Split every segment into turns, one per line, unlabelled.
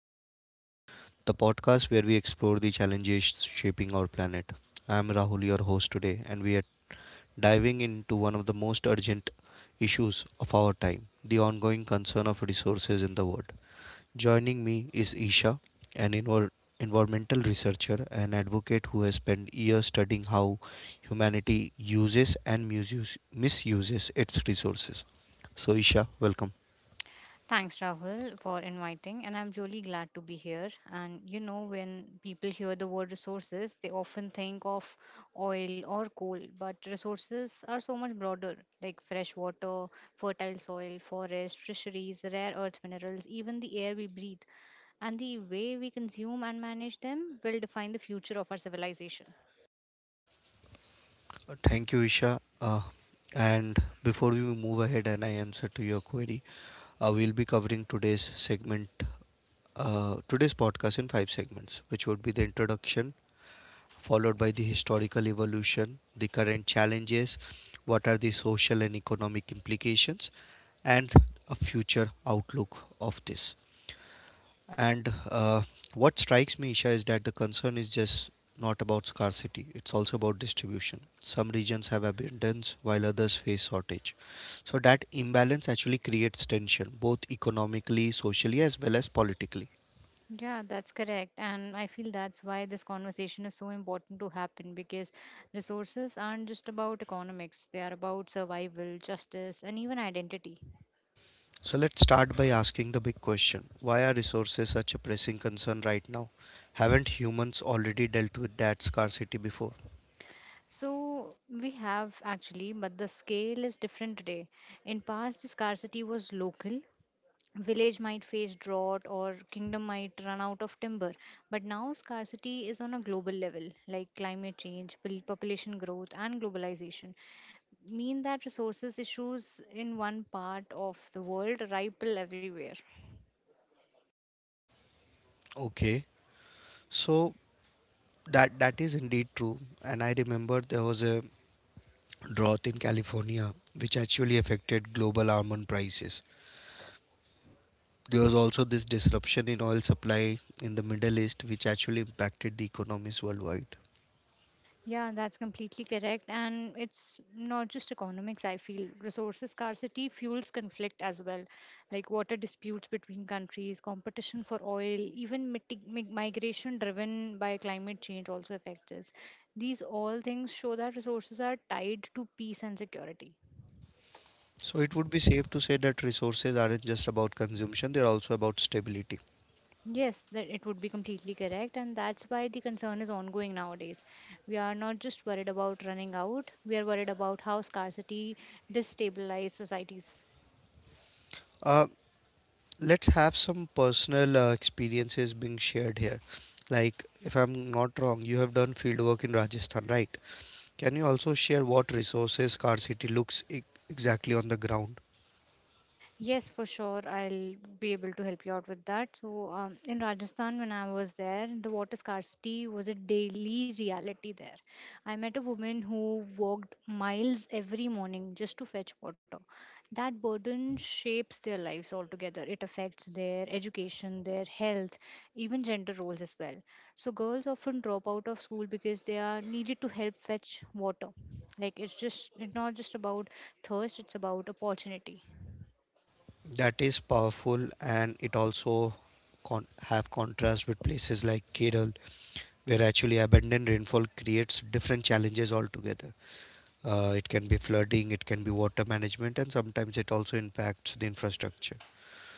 Frontiers, the podcast where we explore the challenges shaping our planet. I am Rahul, your host today, and we are diving into one of the most urgent issues of our time, the ongoing concern of resources in the world. Joining me is Isha, an environmental researcher and advocate who has spent years studying how humanity uses and misuses its resources. So, Isha, welcome.
Thanks, Rahul, for inviting, and I'm really glad to be here. And when people hear the word resources, they often think of oil or coal, but resources are so much broader, like fresh water, fertile soil, forest, fisheries, rare earth minerals, even the air we breathe, and the way we consume and manage them will define the future of our civilization.
Thank you, Isha. And before we move ahead and I answer to your query, we'll be covering today's segment, today's podcast in five segments, which would be the introduction, followed by the historical evolution, the current challenges, what are the social and economic implications, and a future outlook of this. And what strikes me, Isha, is that the concern is just not about scarcity, it's also about distribution. Some regions have abundance while others face shortage. So that imbalance actually creates tension, both economically, socially, as well as politically.
Yeah, that's correct. And I feel that's why this conversation is so important to happen because resources aren't just about economics, they are about survival, justice, and even identity.
So let's start by asking the big question, why are resources such a pressing concern right now? Haven't humans already dealt with that scarcity before?
So we have actually, but the scale is different today. In past, the scarcity was local. Village might face drought or kingdom might run out of timber. But now scarcity is on a global level, like climate change, population growth, and globalization. Mean that resources issues in one part of the world ripple everywhere.
Okay, so that is indeed true, and I remember there was a drought in California, which actually affected global almond prices. There was also this disruption in oil supply in the Middle East, which actually impacted the economies worldwide.
Yeah, that's completely correct. And it's not just economics, I feel. Resources scarcity fuels conflict as well, like water disputes between countries, competition for oil, even migration driven by climate change also affects us. These all things show that resources are tied to peace and security.
So it would be safe to say that resources aren't just about consumption, they're also about stability.
Yes, that it would be completely correct, and that's why the concern is ongoing nowadays. We are not just worried about running out, we are worried about how scarcity destabilizes societies.
Uh, let's have some personal experiences being shared here. Like, if I'm not wrong, you have done field work in Rajasthan, right? Can you also share what resources scarcity looks exactly on the ground?
Yes, for sure. I'll be able to help you out with that. So, in Rajasthan, when I was there, the water scarcity was a daily reality there. I met a woman who walked miles every morning just to fetch water. That burden shapes their lives altogether. It affects their education, their health, even gender roles as well. So, girls often drop out of school because they are needed to help fetch water. Like, it's not just about thirst, it's about opportunity.
That is powerful, and it also have contrast with places like Kerala, where actually abundant rainfall creates different challenges altogether. It can be flooding, it can be water management, and sometimes it also impacts the infrastructure.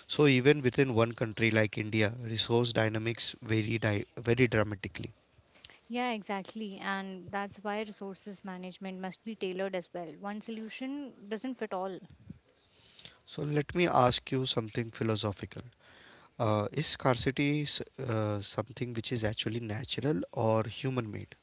So even within one country like India, resource dynamics vary very dramatically.
Yeah, exactly. And that's why resources management must be tailored as well. One solution doesn't fit all.
So let me ask you something philosophical. Is scarcity something which is actually natural or human made?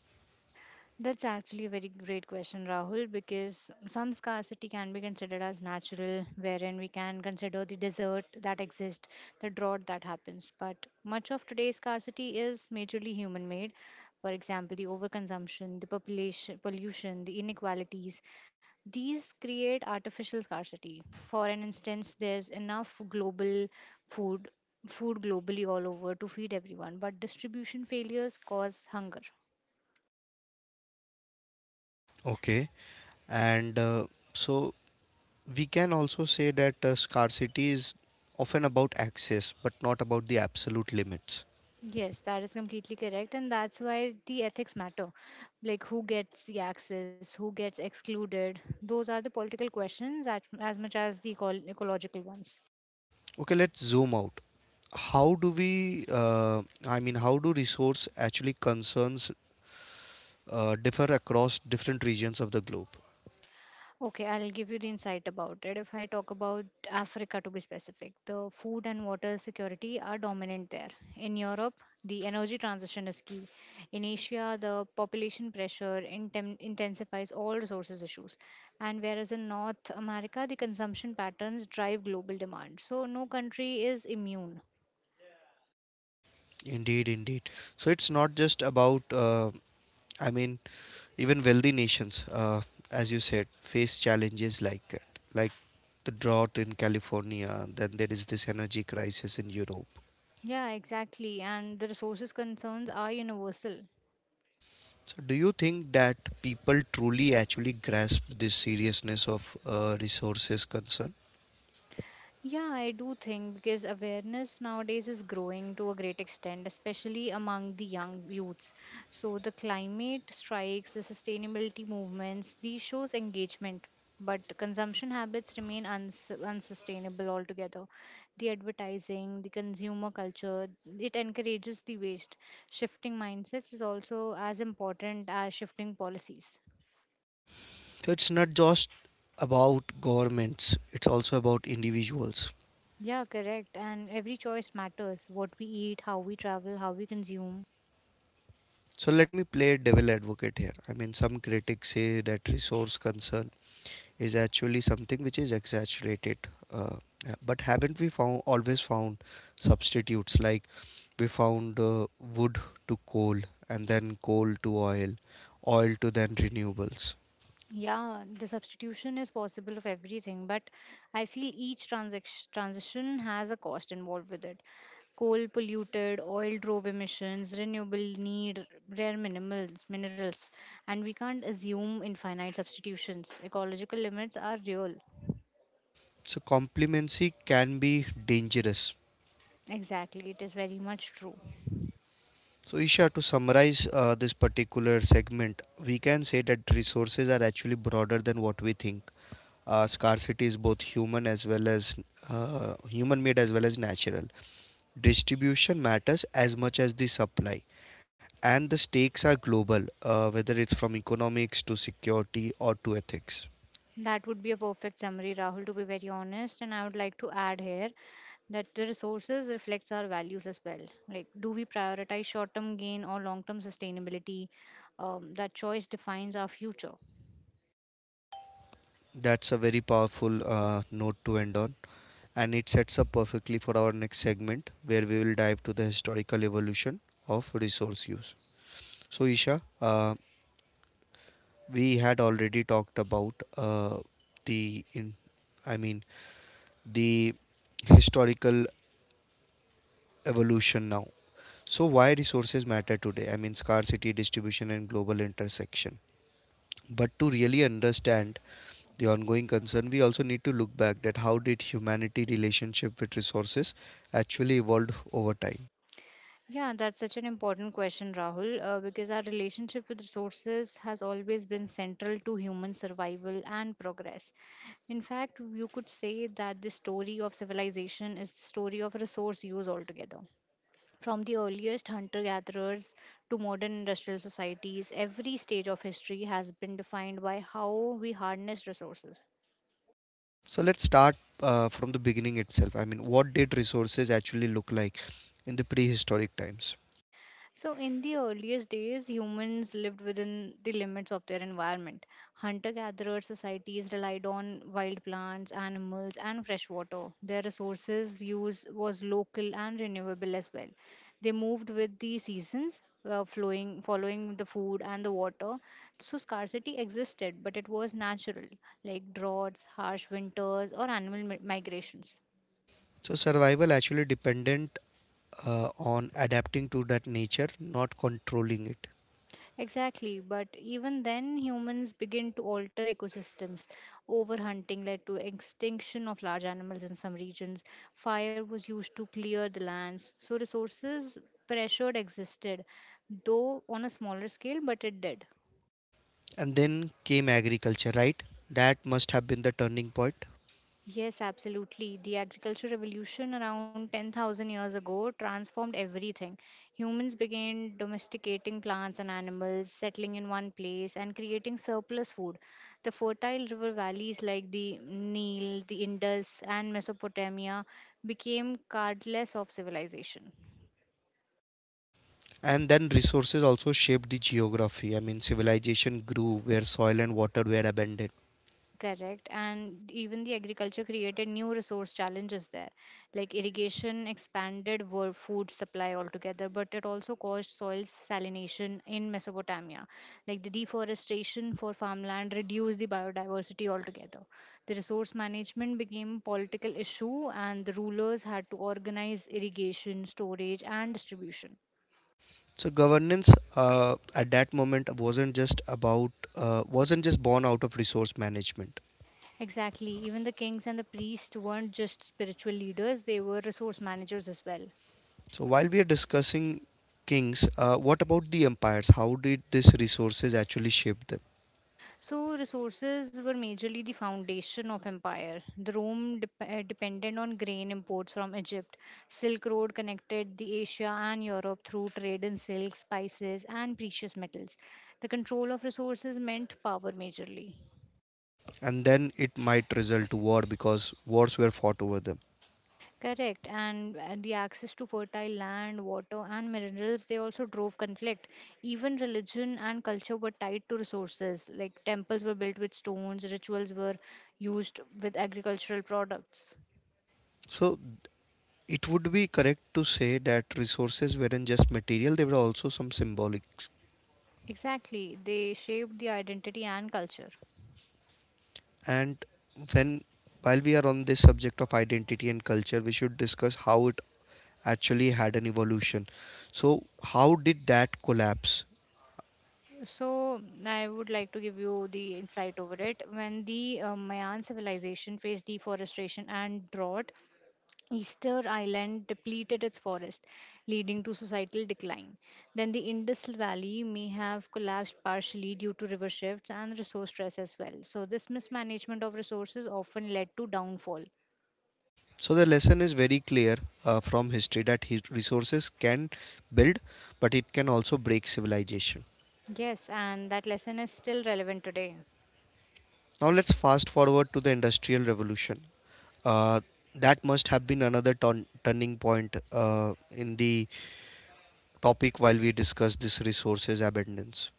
That's actually a very great question, Rahul, because some scarcity can be considered as natural, wherein we can consider the desert that exists, the drought that happens. But much of today's scarcity is majorly human made. For example, the overconsumption, the population pollution, the inequalities. These create artificial scarcity. For an instance, there's enough global food food globally all over to feed everyone, but distribution failures cause hunger.
Okay, and so we can also say that scarcity is often about access but not about the absolute limits.
Yes, that is completely correct, and that's why the ethics matter. Like, who gets the access, who gets excluded, those are the political questions as much as the ecological ones.
Okay, let's zoom out. How do we I mean how do resource actually concerns differ across different regions of the globe?
Okay, I'll give you the insight about it. If I talk about Africa to be specific, the food and water security are dominant there. In Europe, the energy transition is key. In Asia, the population pressure intensifies all resources issues. And whereas in North America, the consumption patterns drive global demand. So no country is immune.
Indeed, indeed. So it's not just about i mean even wealthy nations, as you said, face challenges like that, like the drought in California, then there is this energy crisis in Europe.
Yeah, exactly. And the resources concerns are universal.
So, do you think that people truly actually grasp this seriousness of resources concern?
Yeah, I do think because awareness nowadays is growing to a great extent, especially among the young youths. So the climate strikes, the sustainability movements, these shows engagement, but consumption habits remain unsustainable altogether. The advertising, the consumer culture, it encourages the waste. Shifting mindsets is also as important as shifting policies.
So, it's not just about governments, it's also about individuals.
Yeah, correct. And every choice matters. What we eat, how we travel, how we consume,
So, let me play devil advocate here. I mean, some critics say that resource concern is actually something which is exaggerated. Uh, yeah, but haven't we found always found substitutes, like we found wood to coal, and then coal to oil, oil to then renewables?
Yeah, the substitution is possible of everything, but I feel each transition has a cost involved with it. Coal polluted, oil drove emissions, renewable need rare minerals, and we can't assume infinite substitutions. Ecological limits are real.
So complacency can be dangerous.
Exactly, it is very much true.
So Isha, to summarize this particular segment, we can say that resources are actually broader than what we think. Scarcity is both human made as well as natural. Distribution matters as much as the supply, and the stakes are global, whether it's from economics to security or to ethics.
That would be a perfect summary, Rahul, to be very honest. And I would like to add here that the resources reflects our values as well, like do we prioritize short term gain or long term sustainability. That choice defines our future.
That's a very powerful note to end on, and it sets up perfectly for our next segment, where we will dive to the historical evolution of resource use. So, Isha, we had already talked about the in, I mean the historical evolution now. So, why resources matter today? I mean scarcity, distribution, and global intersection. But to really understand the ongoing concern, we also need to look back that how did humanity relationship with resources actually evolved over time.
Yeah, that's such an important question, Rahul, because our relationship with resources has always been central to human survival and progress. In fact, you could say that the story of civilization is the story of resource use altogether. From the earliest hunter gatherers to modern industrial societies, every stage of history has been defined by how we harness resources.
So let's start from the beginning itself. I mean, what did resources actually look like in the prehistoric times?
So, in the earliest days, humans lived within the limits of their environment. Hunter gatherer societies relied on wild plants, animals, and fresh water. Their resources use was local and renewable as well. They moved with the seasons, following the food and the water. So, scarcity existed, but it was natural, like droughts, harsh winters, or animal migrations.
So survival actually dependent on adapting to that nature, not controlling it.
Exactly, but even then, humans begin to alter ecosystems. Overhunting led to extinction of large animals in some regions. Fire was used to clear the lands, so resources pressured existed, though on a smaller scale, but it did.
And then came agriculture, right? That must have been the turning point.
Yes, absolutely. The agricultural revolution around 10,000 years ago transformed everything. Humans began domesticating plants and animals, settling in one place, and creating surplus food. The fertile river valleys like the Nile, the Indus, and Mesopotamia became cardless of civilization.
And then resources also shaped the geography. I mean, civilization grew where soil and water were abundant.
Correct. And even the agriculture created new resource challenges there. Like irrigation expanded world food supply altogether, but it also caused soil salination in Mesopotamia. Like the deforestation for farmland reduced the biodiversity altogether. The resource management became a political issue, and the rulers had to organize irrigation, storage, and distribution.
So governance at that moment wasn't just born out of resource management.
Exactly. Even the kings and the priests weren't just spiritual leaders, they were resource managers as well.
So while we are discussing kings, what about the empires? How did these resources actually shape them?
So, resources were majorly the foundation of empire. The Rome depended on grain imports from Egypt. Silk Road connected the Asia and Europe through trade in silk, spices, and precious metals. The control of resources meant power majorly.
And then it might result to war, because wars were fought over them.
Correct, and the access to fertile land, water, and minerals they also drove conflict. Even religion and culture were tied to resources. Like temples were built with stones, rituals were used with agricultural products.
So it would be correct to say that resources weren't just material; they were also some symbolic.
Exactly, they shaped the identity and culture.
And when while we are on this subject of identity and culture, we should discuss how it actually had an evolution. So how did that collapse?
So, I would like to give you the insight over it. When the Mayan civilization faced deforestation and drought, Easter Island depleted its forest, leading to societal decline. Then, the Indus Valley may have collapsed partially due to river shifts and resource stress as well. So, this mismanagement of resources often led to downfall.
So the lesson is very clear from history, that his resources can build, but it can also break civilization.
Yes, and that lesson is still relevant today.
Now let's fast forward to the Industrial Revolution. Uh, that must have been another turning point in the topic while we discuss this resources abundance.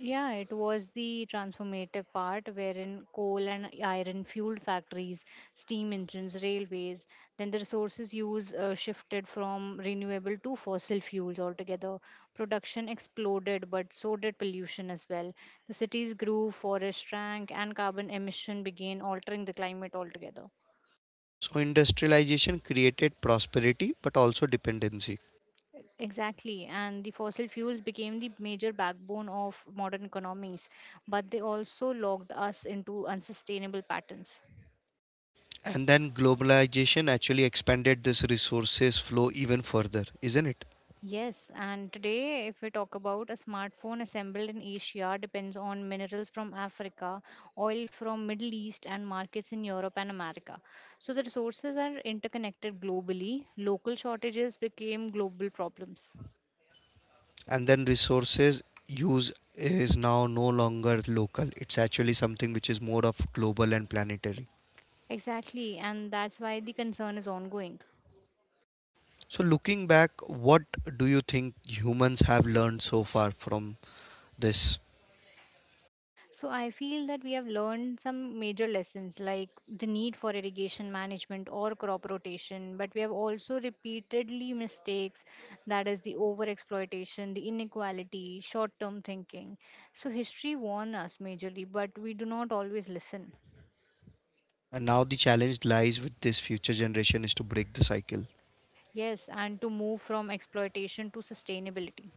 Yeah, it was the transformative part wherein coal and iron fueled factories, steam engines, railways, then the resources use shifted from renewable to fossil fuels altogether. Production exploded, but so did pollution as well. The cities grew, forests shrank, and carbon emission began altering the climate altogether.
So industrialization created prosperity but also dependency.
Exactly, and the fossil fuels became the major backbone of modern economies, but they also locked us into unsustainable patterns.
And then globalization actually expanded this resources flow even further, isn't it?
Yes, and today, if we talk about a smartphone assembled in Asia depends on minerals from Africa, oil from Middle East, and markets in Europe and America. So the resources are interconnected globally. Local shortages became global problems.
And then resources use is now no longer local, it's actually something which is more of global and planetary.
Exactly, and that's why the concern is ongoing.
So looking back, what do you think humans have learned so far from this?
So I feel that we have learned some major lessons like the need for irrigation management or crop rotation, but we have also repeatedly mistakes, that is the overexploitation, the inequality, short-term thinking. So history warns us majorly, but we do not always listen.
And now the challenge lies with this future generation is to break the cycle.
Yes, and to move from exploitation to sustainability.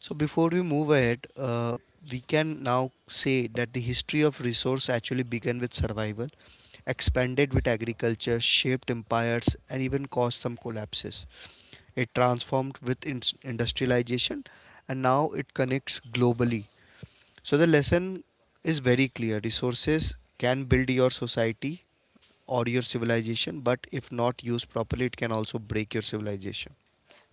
So before we move ahead, we can now say that the history of resource actually began with survival, expanded with agriculture, shaped empires, and even caused some collapses. It transformed with industrialization, and now it connects globally. So the lesson is very clear. Resources can build your society or your civilization, but if not used properly, it can also break your civilization.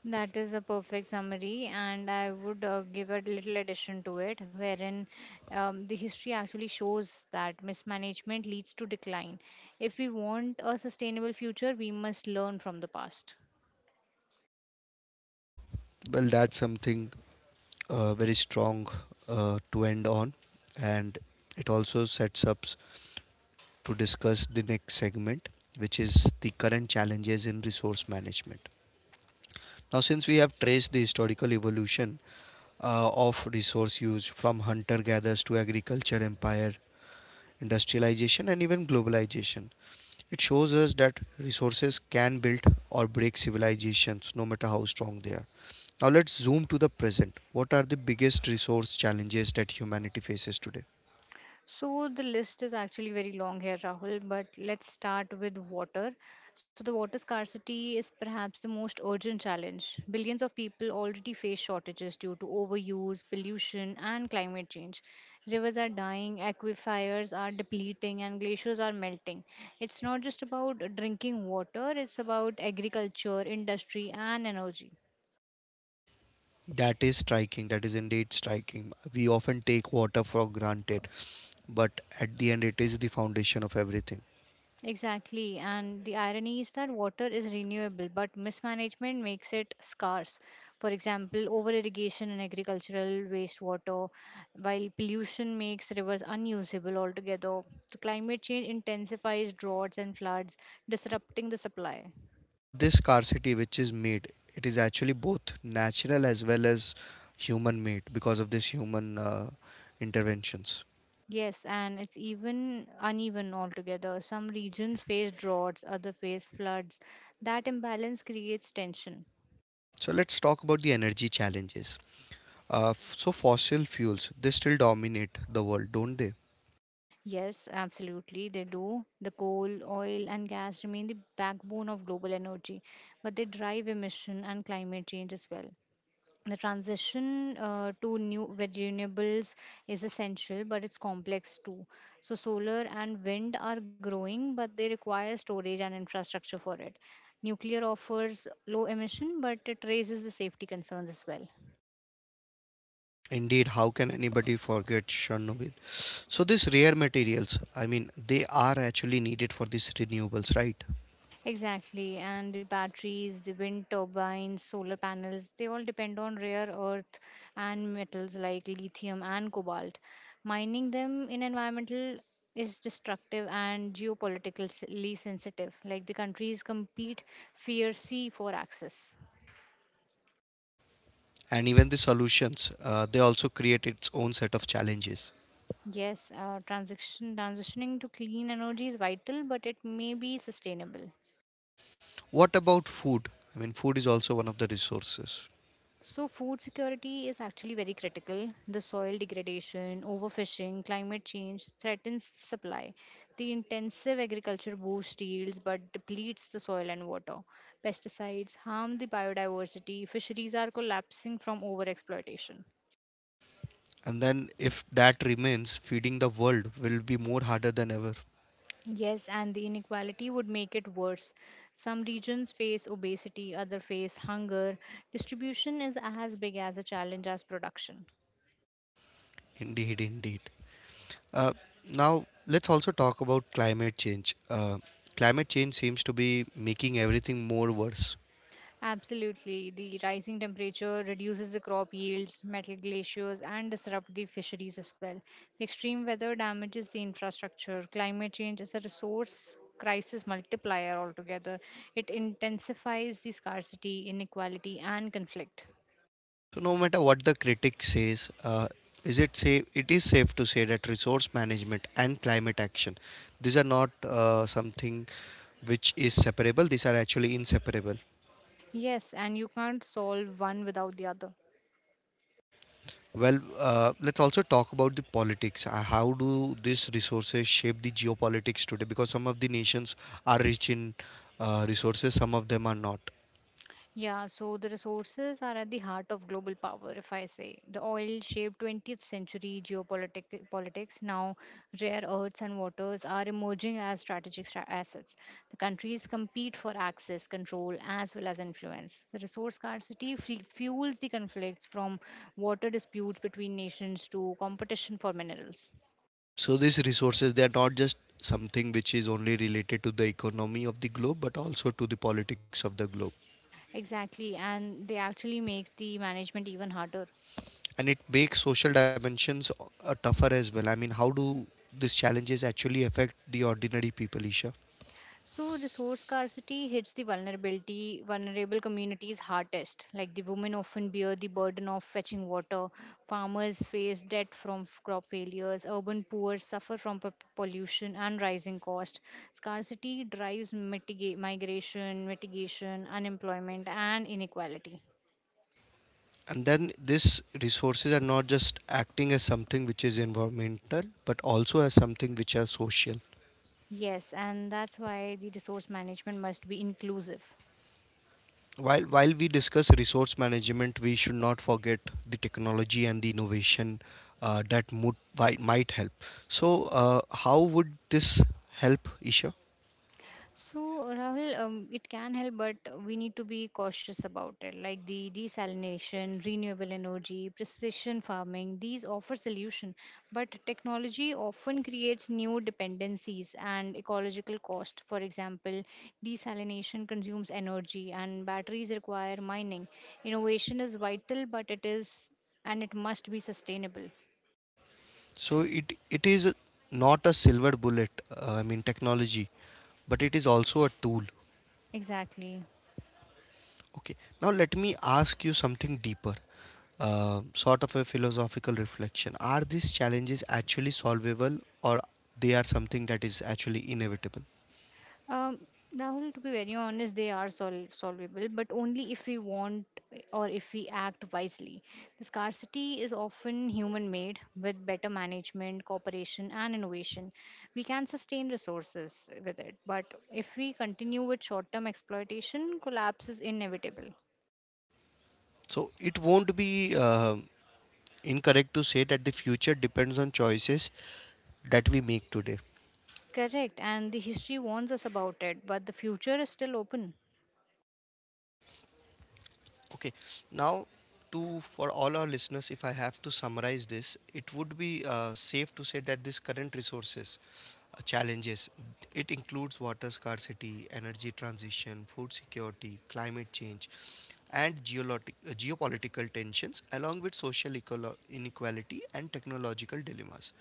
That is a perfect summary, and I would give a little addition to it, wherein the history actually shows that mismanagement leads to decline. If we want a sustainable future, we must learn from the past.
Well, that's something very strong to end on, and it also sets up to discuss the next segment, which is the current challenges in resource management. Now, since we have traced the historical evolution of resource use from hunter gatherers to agriculture empire, industrialization, and even globalization. It shows us that resources can build or break civilizations no matter how strong they are. Now, let's zoom to the present. What are the biggest resource challenges that humanity faces today?
So the list is actually very long here, Rahul, but let's start with water. So the water scarcity is perhaps the most urgent challenge. Billions of people already face shortages due to overuse, pollution, and climate change. Rivers are dying, aquifers are depleting, and glaciers are melting. It's not just about drinking water, it's about agriculture, industry, and energy.
That is striking, that is indeed striking. We often take water for granted, but at the end, it is the foundation of everything.
Exactly, and the irony is that water is renewable, but mismanagement makes it scarce. For example, over irrigation and agricultural wastewater, while pollution makes rivers unusable altogether. So climate change intensifies droughts and floods, disrupting the supply.
So this scarcity which is made, it is actually both natural as well as human made because of this human interventions.
Yes, and it's even uneven altogether. Some regions face droughts, others face floods. That imbalance creates tension.
So let's talk about the energy challenges. So fossil fuels, they still dominate the world, don't they?
Yes, absolutely, they do. The coal, oil, and gas remain the backbone of global energy, but they drive emission and climate change as well. The transition to new renewables is essential, but it's complex too. So, solar and wind are growing, but they require storage and infrastructure for it. Nuclear offers low emission, but it raises the safety concerns as well.
Indeed, how can anybody forget Chernobyl? So these rare materials, I mean, they are actually needed for these renewables, right?
Exactly, and the batteries, the wind turbines, solar panels, they all depend on rare earth and metals like lithium and cobalt. Mining them in environmental is destructive and geopolitically sensitive. Like the countries compete fiercely for access.
And even the solutions, they also create its own set of challenges.
Yes, transitioning to clean energy is vital, but it may be sustainable.
What about food? I mean, food is also one of the resources.
So, food security is actually very critical. The soil degradation, overfishing, climate change threatens supply. The intensive agriculture boosts yields but depletes the soil and water. Pesticides harm the biodiversity. Fisheries are collapsing from overexploitation.
And then, if that remains, feeding the world will be more harder than ever.
Yes, and the inequality would make it worse. Some regions face obesity, others face hunger. Distribution is as big as a challenge as production.
Indeed, indeed. Uh, Now, let's also talk about climate change. Climate change seems to be making everything more worse.
Absolutely. The rising temperature reduces the crop yields, metal glaciers, and disrupt the fisheries as well. The extreme weather damages the infrastructure. Climate change is a resource crisis multiplier altogether. It intensifies the scarcity, inequality, and conflict.
So, no matter what the critic says, is it safe? It is safe to say that resource management and climate action, these are not something which is separable. These are actually inseparable.
Yes, and you can't solve one without the other.
Well, let's also talk about the politics. How do these resources shape the geopolitics today? Because some of the nations are rich in resources, some of them are not.
Yeah, so the resources are at the heart of global power, if I say. The oil shaped 20th century geopolitics. Politics. Now, rare earths and waters are emerging as strategic assets. The countries compete for access, control, as well as influence. The resource scarcity fuels the conflicts from water disputes between nations to competition for minerals.
So these resources, they are not just something which is only related to the economy of the globe, but also to the politics of the globe.
Exactly, and they actually make the management even harder.
And it makes social dimensions tougher as well. I mean, how do these challenges actually affect the ordinary people, Isha?
So resource scarcity hits the vulnerability vulnerable communities hardest. Like the women often bear the burden of fetching water, farmers face debt from crop failures, urban poor suffer from pollution and rising cost. Scarcity drives migration, mitigation, unemployment and inequality.
And then these resources are not just acting as something which is environmental, but also as something which are social.
Yes, and that's why the resource management must be inclusive.
While we discuss resource management, we should not forget the technology and the innovation that would, might help. So how would this help, Isha?
So, Rahul, it can help, but we need to be cautious about it. Like the desalination, renewable energy, precision farming, these offer solution, but technology often creates new dependencies and ecological cost. For example, desalination consumes energy, and batteries require mining. Innovation is vital, but it is, and it must be sustainable.
So it is not a silver bullet, I mean technology, but it is also a tool.
Exactly.
Okay, now let me ask you something deeper, sort of a philosophical reflection. Are these challenges actually solvable, or they are something that is actually inevitable?
Um, Rahul, to be very honest, they are solvable, but only if we want or if we act wisely. The scarcity is often human made with better management, cooperation, and innovation. We can sustain resources with it, but if we continue with short term exploitation, collapse is inevitable.
So it won't be incorrect to say that the future depends on choices that we make today.
Correct, and the history warns us about it, but the future is still open.
Okay, now to for all our listeners, if I have to summarize this, it would be safe to say that this current resources challenges it includes water scarcity, energy transition, food security, climate change, and geopolitical tensions, along with social inequality and technological dilemmas.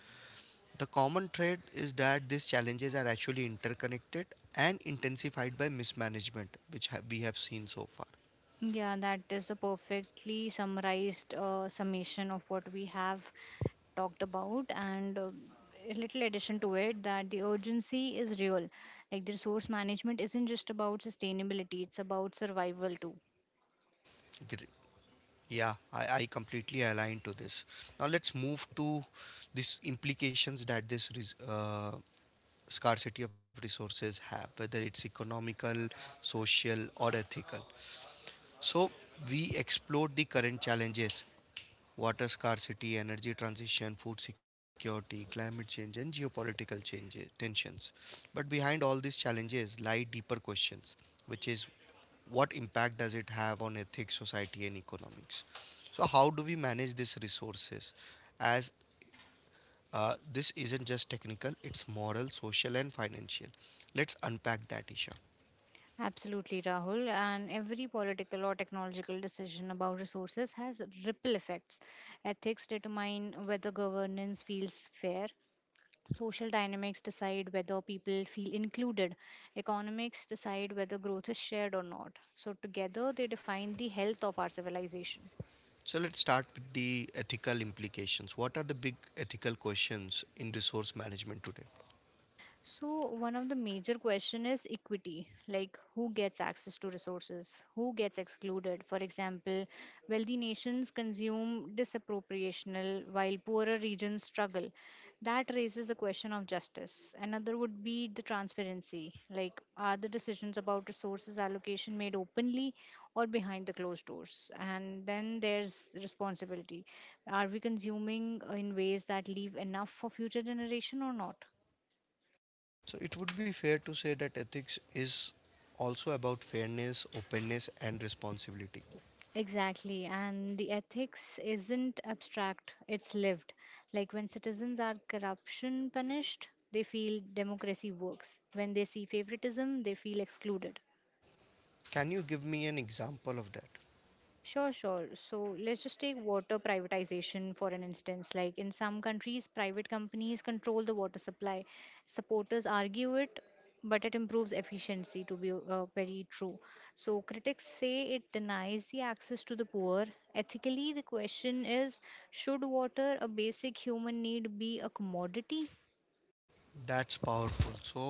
The common thread is that these challenges are actually interconnected and intensified by mismanagement, which we have seen so far.
Yeah, that is a perfectly summarized summation of what we have talked about, and a little addition to it that the urgency is real. Like the resource management isn't just about sustainability, it's about survival too.
Yeah, I completely align to this. Now let's move to these implications that scarcity of resources have, whether it's economical, social, or ethical. So we explored the current challenges: water scarcity, energy transition, food security, climate change, and geopolitical changes tensions. But behind all these challenges lie deeper questions, which is what impact does it have on ethics, society, and economics? So, how do we manage these resources? As This isn't just technical, it's moral, social, and financial. Let's unpack that, Isha.
Absolutely, Rahul. And every political or technological decision about resources has ripple effects. Ethics determine whether governance feels fair, social dynamics decide whether people feel included. Economics decide whether growth is shared or not. So, together, they define the health of our civilization.
So, let's start with the ethical implications. What are the big ethical questions in resource management today?
So one of the major question is equity, like who gets access to resources, who gets excluded. For example, wealthy nations consume disappropriational while poorer regions struggle. That raises the question of justice. Another would be the transparency, like are the decisions about resources allocation made openly or behind the closed doors? And then there's responsibility. Are we consuming in ways that leave enough for future generation or not?
So, it would be fair to say that ethics is also about fairness, openness, and responsibility.
Exactly, and the ethics isn't abstract, it's lived. Like when citizens are corruption punished, they feel democracy works. When they see favoritism, they feel excluded.
Can you give me an example of that?
Sure, sure. So let's just take water privatization for an instance. Like in some countries, private companies control the water supply. Supporters argue it, but it improves efficiency, to be very true. So critics say it denies the access to the poor. Ethically, the question is should water, a basic human need, be a commodity?
That's powerful. So,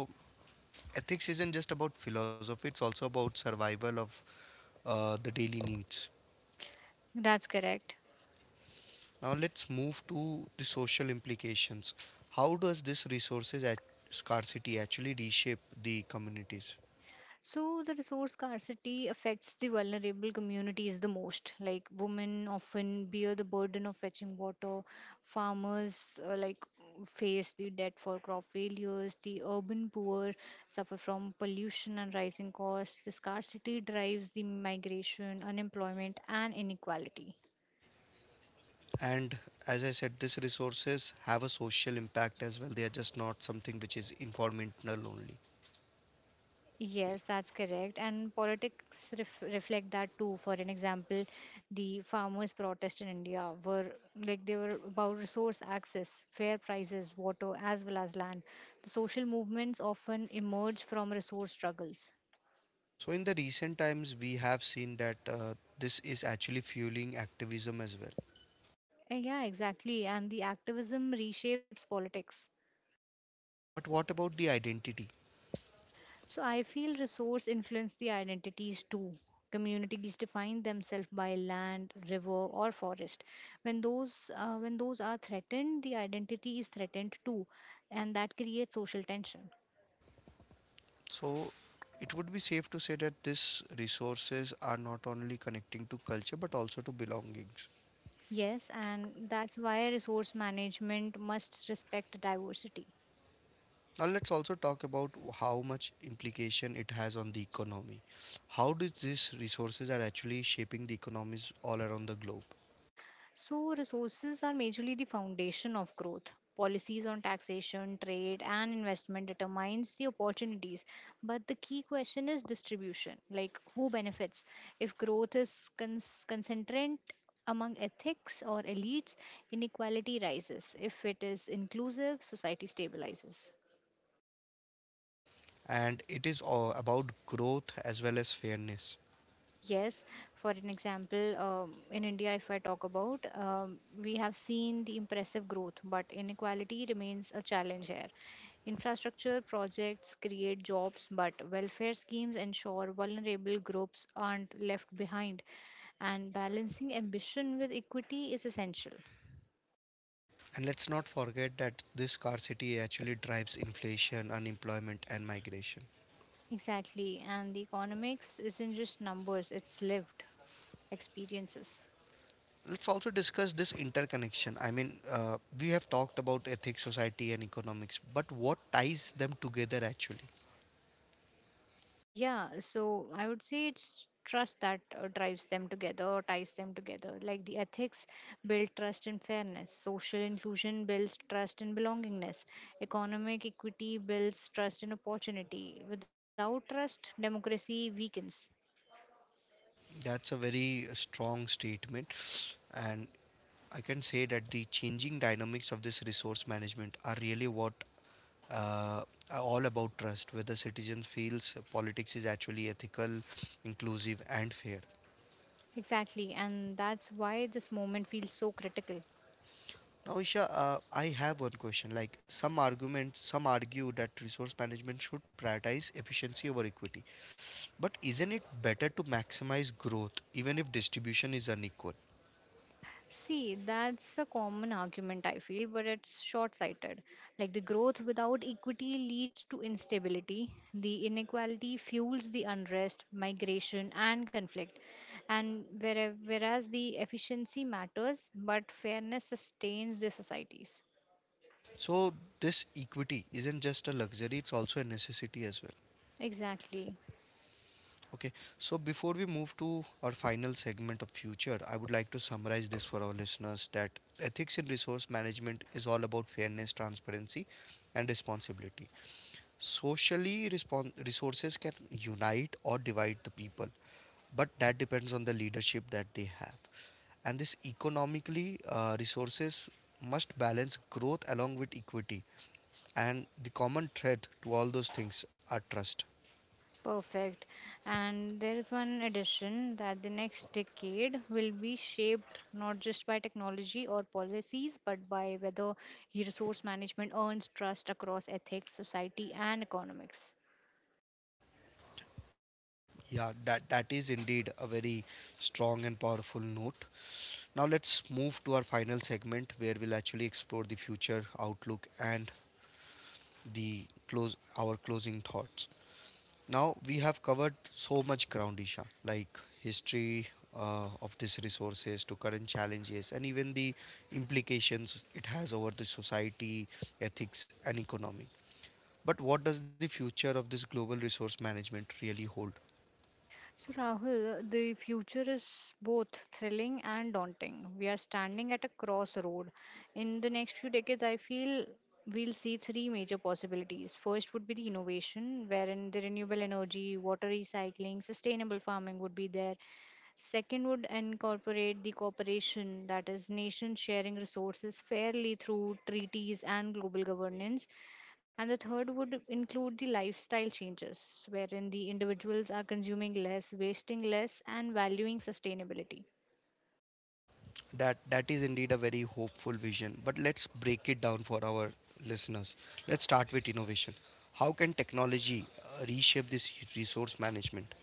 ethics isn't just about philosophy, it's also about survival of the daily needs.
That's correct.
Now let's move to the social implications. How does this resources at scarcity actually reshape the communities?
So the resource scarcity affects the vulnerable communities the most. Like women often bear the burden of fetching water. Farmers face the debt for crop failures. The urban poor suffer from pollution and rising costs. The scarcity drives the migration, unemployment, and inequality.
And as I said, these resources have a social impact as well. They are just not something which is informational only.
Yes, that's correct. And politics reflect that too. For an example, the farmers' protest in India were like they were about resource access, fair prices, water, as well as land. The social movements often emerge from resource struggles.
So in the recent times, we have seen that this is actually fueling activism as well.
Yeah, exactly. And the activism reshapes politics.
But what about the identity?
So I feel resource influence the identities too. Communities define themselves by land, river, or forest. When those are threatened, the identity is threatened too, and that creates social tension.
So it would be safe to say that these resources are not only connecting to culture but also to belongings.
Yes, and that's why resource management must respect diversity.
Now let's also talk about how much implication it has on the economy. How do these resources are actually shaping the economies all around the globe?
So, resources are majorly the foundation of growth. Policies on taxation, trade, and investment determines the opportunities, but the key question is distribution, like who benefits. If growth is concentrant among ethics or elites, inequality rises. If it is inclusive, society stabilizes.
And it is all about growth as well as fairness.
Yes, for an example, in India, if I talk about, we have seen the impressive growth, but inequality remains a challenge here. Infrastructure projects create jobs, but welfare schemes ensure vulnerable groups aren't left behind, and balancing ambition with equity is essential.
And let's not forget that this scarcity actually drives inflation, unemployment, and migration.
Exactly, and the economics isn't just numbers, it's lived experiences.
Let's also discuss this interconnection. I mean, we have talked about ethics, society, and economics, but what ties them together actually?
Yeah, so I would say it's trust that drives them together or ties them together. Like the ethics build trust and fairness, social inclusion builds trust and belongingness, economic equity builds trust and opportunity. Without trust, democracy weakens.
That's a very strong statement. And I can say that the changing dynamics of this resource management are really what uh, are all about trust, whether citizens feels politics is actually ethical, inclusive, and fair.
Exactly, and that's why this moment feels so critical.
Now, Isha, I have one question. Like some argue that resource management should prioritize efficiency over equity. But isn't it better to maximize growth even if distribution is unequal?
See, that's a common argument I feel, but it's short sighted. Like the growth without equity leads to instability, the inequality fuels the unrest, migration, and conflict. And where, whereas the efficiency matters, but fairness sustains the societies.
So this equity isn't just a luxury, it's also a necessity as well.
Exactly.
Okay. So before we move to our final segment of future, I would like to summarize this for our listeners that ethics in resource management is all about fairness, transparency, and responsibility. Socially, respon resources can unite or divide the people, but that depends on the leadership that they have. And this economically, resources must balance growth along with equity. And the common thread to all those things are trust.
Perfect. And there is one addition that the next decade will be shaped not just by technology or policies, but by whether resource management earns trust across ethics, society, and economics.
Yeah, that is indeed a very strong and powerful note. Now, let's move to our final segment where we'll actually explore the future outlook and the close our closing thoughts. Now we have covered so much ground, Isha, like history of these resources to current challenges and even the implications it has over the society, ethics, and economy. But what does the future of this global resource management really hold?
So, Rahul, the future is both thrilling and daunting. We are standing at a crossroad. In the next few decades, I feel we'll see three major possibilities. First would be the innovation, wherein the renewable energy, water recycling, sustainable farming would be there. Second would incorporate the cooperation, that is, nations sharing resources fairly through treaties and global governance. And the third would include the lifestyle changes, wherein the individuals are consuming less, wasting less, and valuing sustainability.
That is indeed a very hopeful vision. But let's break it down for our listeners. Let's start with innovation. How can technology reshape this resource management?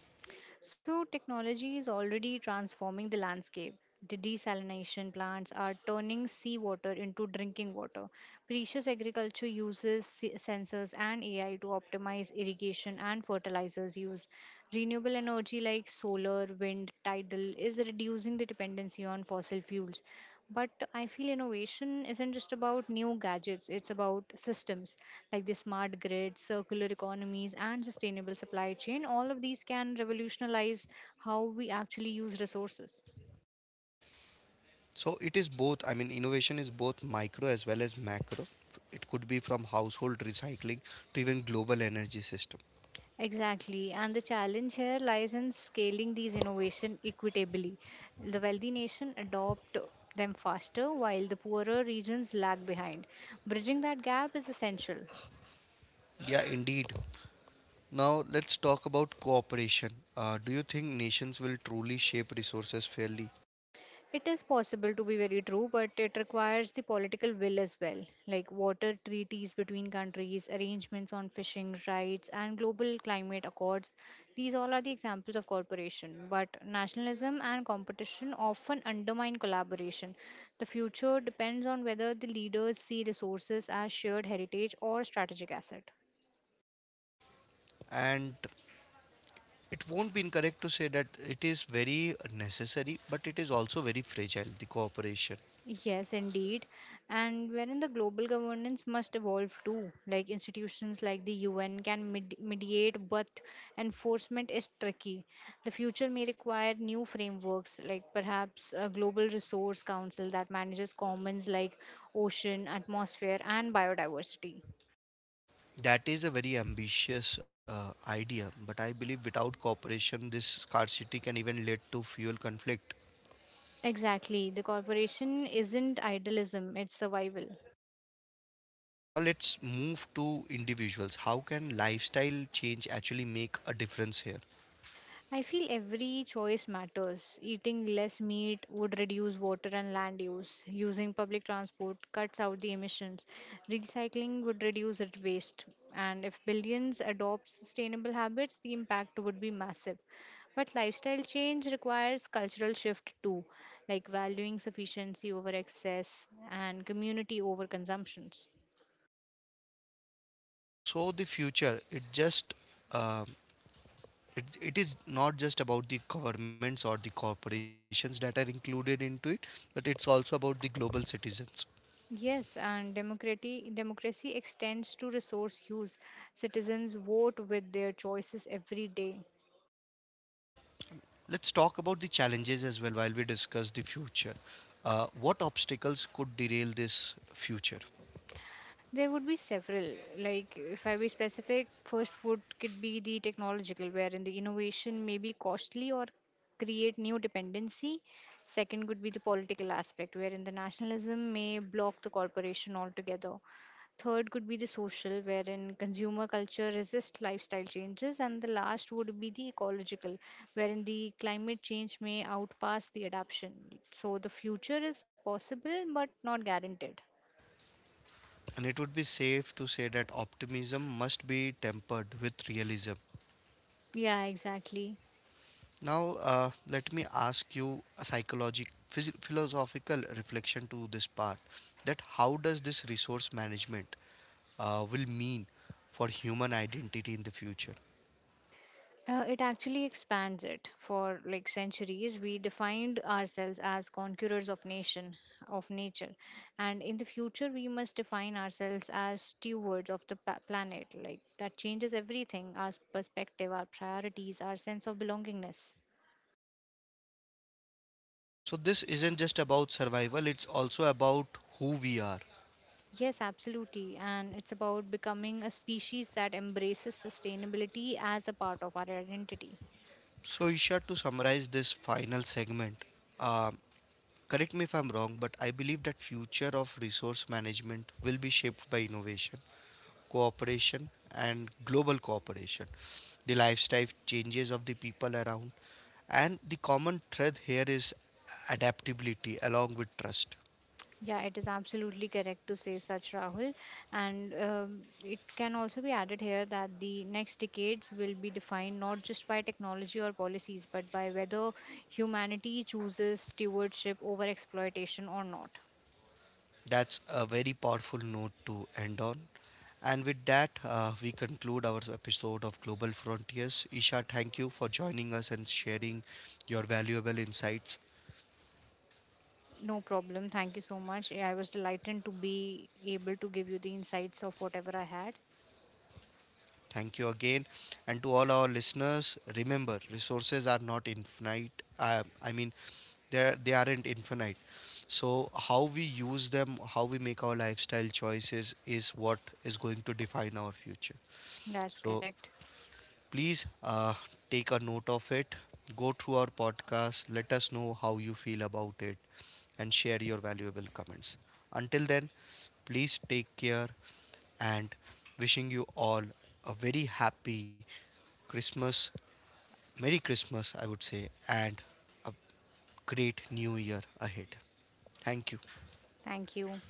So, technology is already transforming the landscape. The desalination plants are turning seawater into drinking water. Precious agriculture uses sensors and AI to optimize irrigation and fertilizers use. Renewable energy like solar, wind, tidal is reducing the dependency on fossil fuels. But I feel innovation isn't just about new gadgets, it's about systems like the smart grid, circular economies, and sustainable supply chain. All of these can revolutionize how we actually use resources.
So it is both, I mean, innovation is both micro as well as macro. It could be from household recycling to even global energy system.
Exactly, and the challenge here lies in scaling these innovation equitably. The wealthy nation adopt them faster while the poorer regions lag behind. Bridging that gap is essential.
Yeah, indeed. Now let's talk about cooperation. Do you think nations will truly shape resources fairly?
It is possible to be very true, but it requires the political will as well, like water treaties between countries, arrangements on fishing rights, and global climate accords. These all are the examples of cooperation, but nationalism and competition often undermine collaboration. The future depends on whether the leaders see resources as shared heritage or strategic asset.
And it won't be incorrect to say that it is very necessary, but it is also very fragile, the cooperation.
Yes, indeed. And wherein the global governance must evolve too. Like institutions like the UN can mediate, but enforcement is tricky. The future may require new frameworks, like perhaps a global resource council that manages commons like ocean, atmosphere, and biodiversity.
That is a very ambitious idea, but I believe without cooperation, this scarcity can even lead to fuel conflict.
Exactly. The corporation isn't idealism, it's survival.
Now let's move to individuals. How can lifestyle change actually make a difference here?
I feel every choice matters. Eating less meat would reduce water and land use. Using public transport cuts out the emissions. Recycling would reduce it waste. And if billions adopt sustainable habits, the impact would be massive. But lifestyle change requires cultural shift too, like valuing sufficiency over excess and community over consumptions.
So the future, um it is not just about the governments or the corporations that are included into it, but it's also about the global citizens.
Yes, and democracy extends to resource use. Citizens vote with their choices every day.
Let's talk about the challenges as well while we discuss the future. What obstacles could derail this future?
There would be several. Like if I be specific, first would could be the technological, wherein the innovation may be costly or create new dependency. Second could be the political aspect, wherein the nationalism may block the corporation altogether. Third could be the social, wherein consumer culture resists lifestyle changes. And the last would be the ecological, wherein the climate change may outpace the adaptation. So the future is possible but not guaranteed.
And it would be safe to say that optimism must be tempered with realism.
Yeah, exactly.
Now, let me ask you a psychological, philosophical reflection to this part. That how does this resource management will mean for human identity in the future?
It actually expands it. For like centuries, we defined ourselves as conquerors of nation, of nature, and in the future, we must define ourselves as stewards of the planet. Like that changes everything: our perspective, our priorities, our sense of belongingness.
So this isn't just about survival; it's also about who we are.
Yes, absolutely, and it's about becoming a species that embraces sustainability as a part of our identity.
So, Isha, to summarize this final segment, um, correct me if I'm wrong, but I believe that future of resource management will be shaped by innovation cooperation and global cooperation, the lifestyle changes of the people around, and the common thread here is adaptability along with trust.
Yeah, it is absolutely correct to say such, Rahul. And it can also be added here that the next decades will be defined not just by technology or policies, but by whether humanity chooses stewardship over exploitation or not.
That's a very powerful note to end on. And with that, we conclude our episode of Global Frontiers. Isha, thank you for joining us and sharing your valuable insights.
No problem. Thank you so much. Yeah, I was delighted to be able to give you the insights of whatever I had.
Thank you again. And to all our listeners, remember resources are not infinite. I mean, they are not infinite. So, how we use them, how we make our lifestyle choices is what is going to define our future.
That's
So,
correct.
please take a note of it. Go through our podcast, let us know how you feel about it, and share your valuable comments. Until then, please take care and wishing you all a very happy Christmas, Merry Christmas, I would say, and a great new year ahead. Thank you.
Thank you.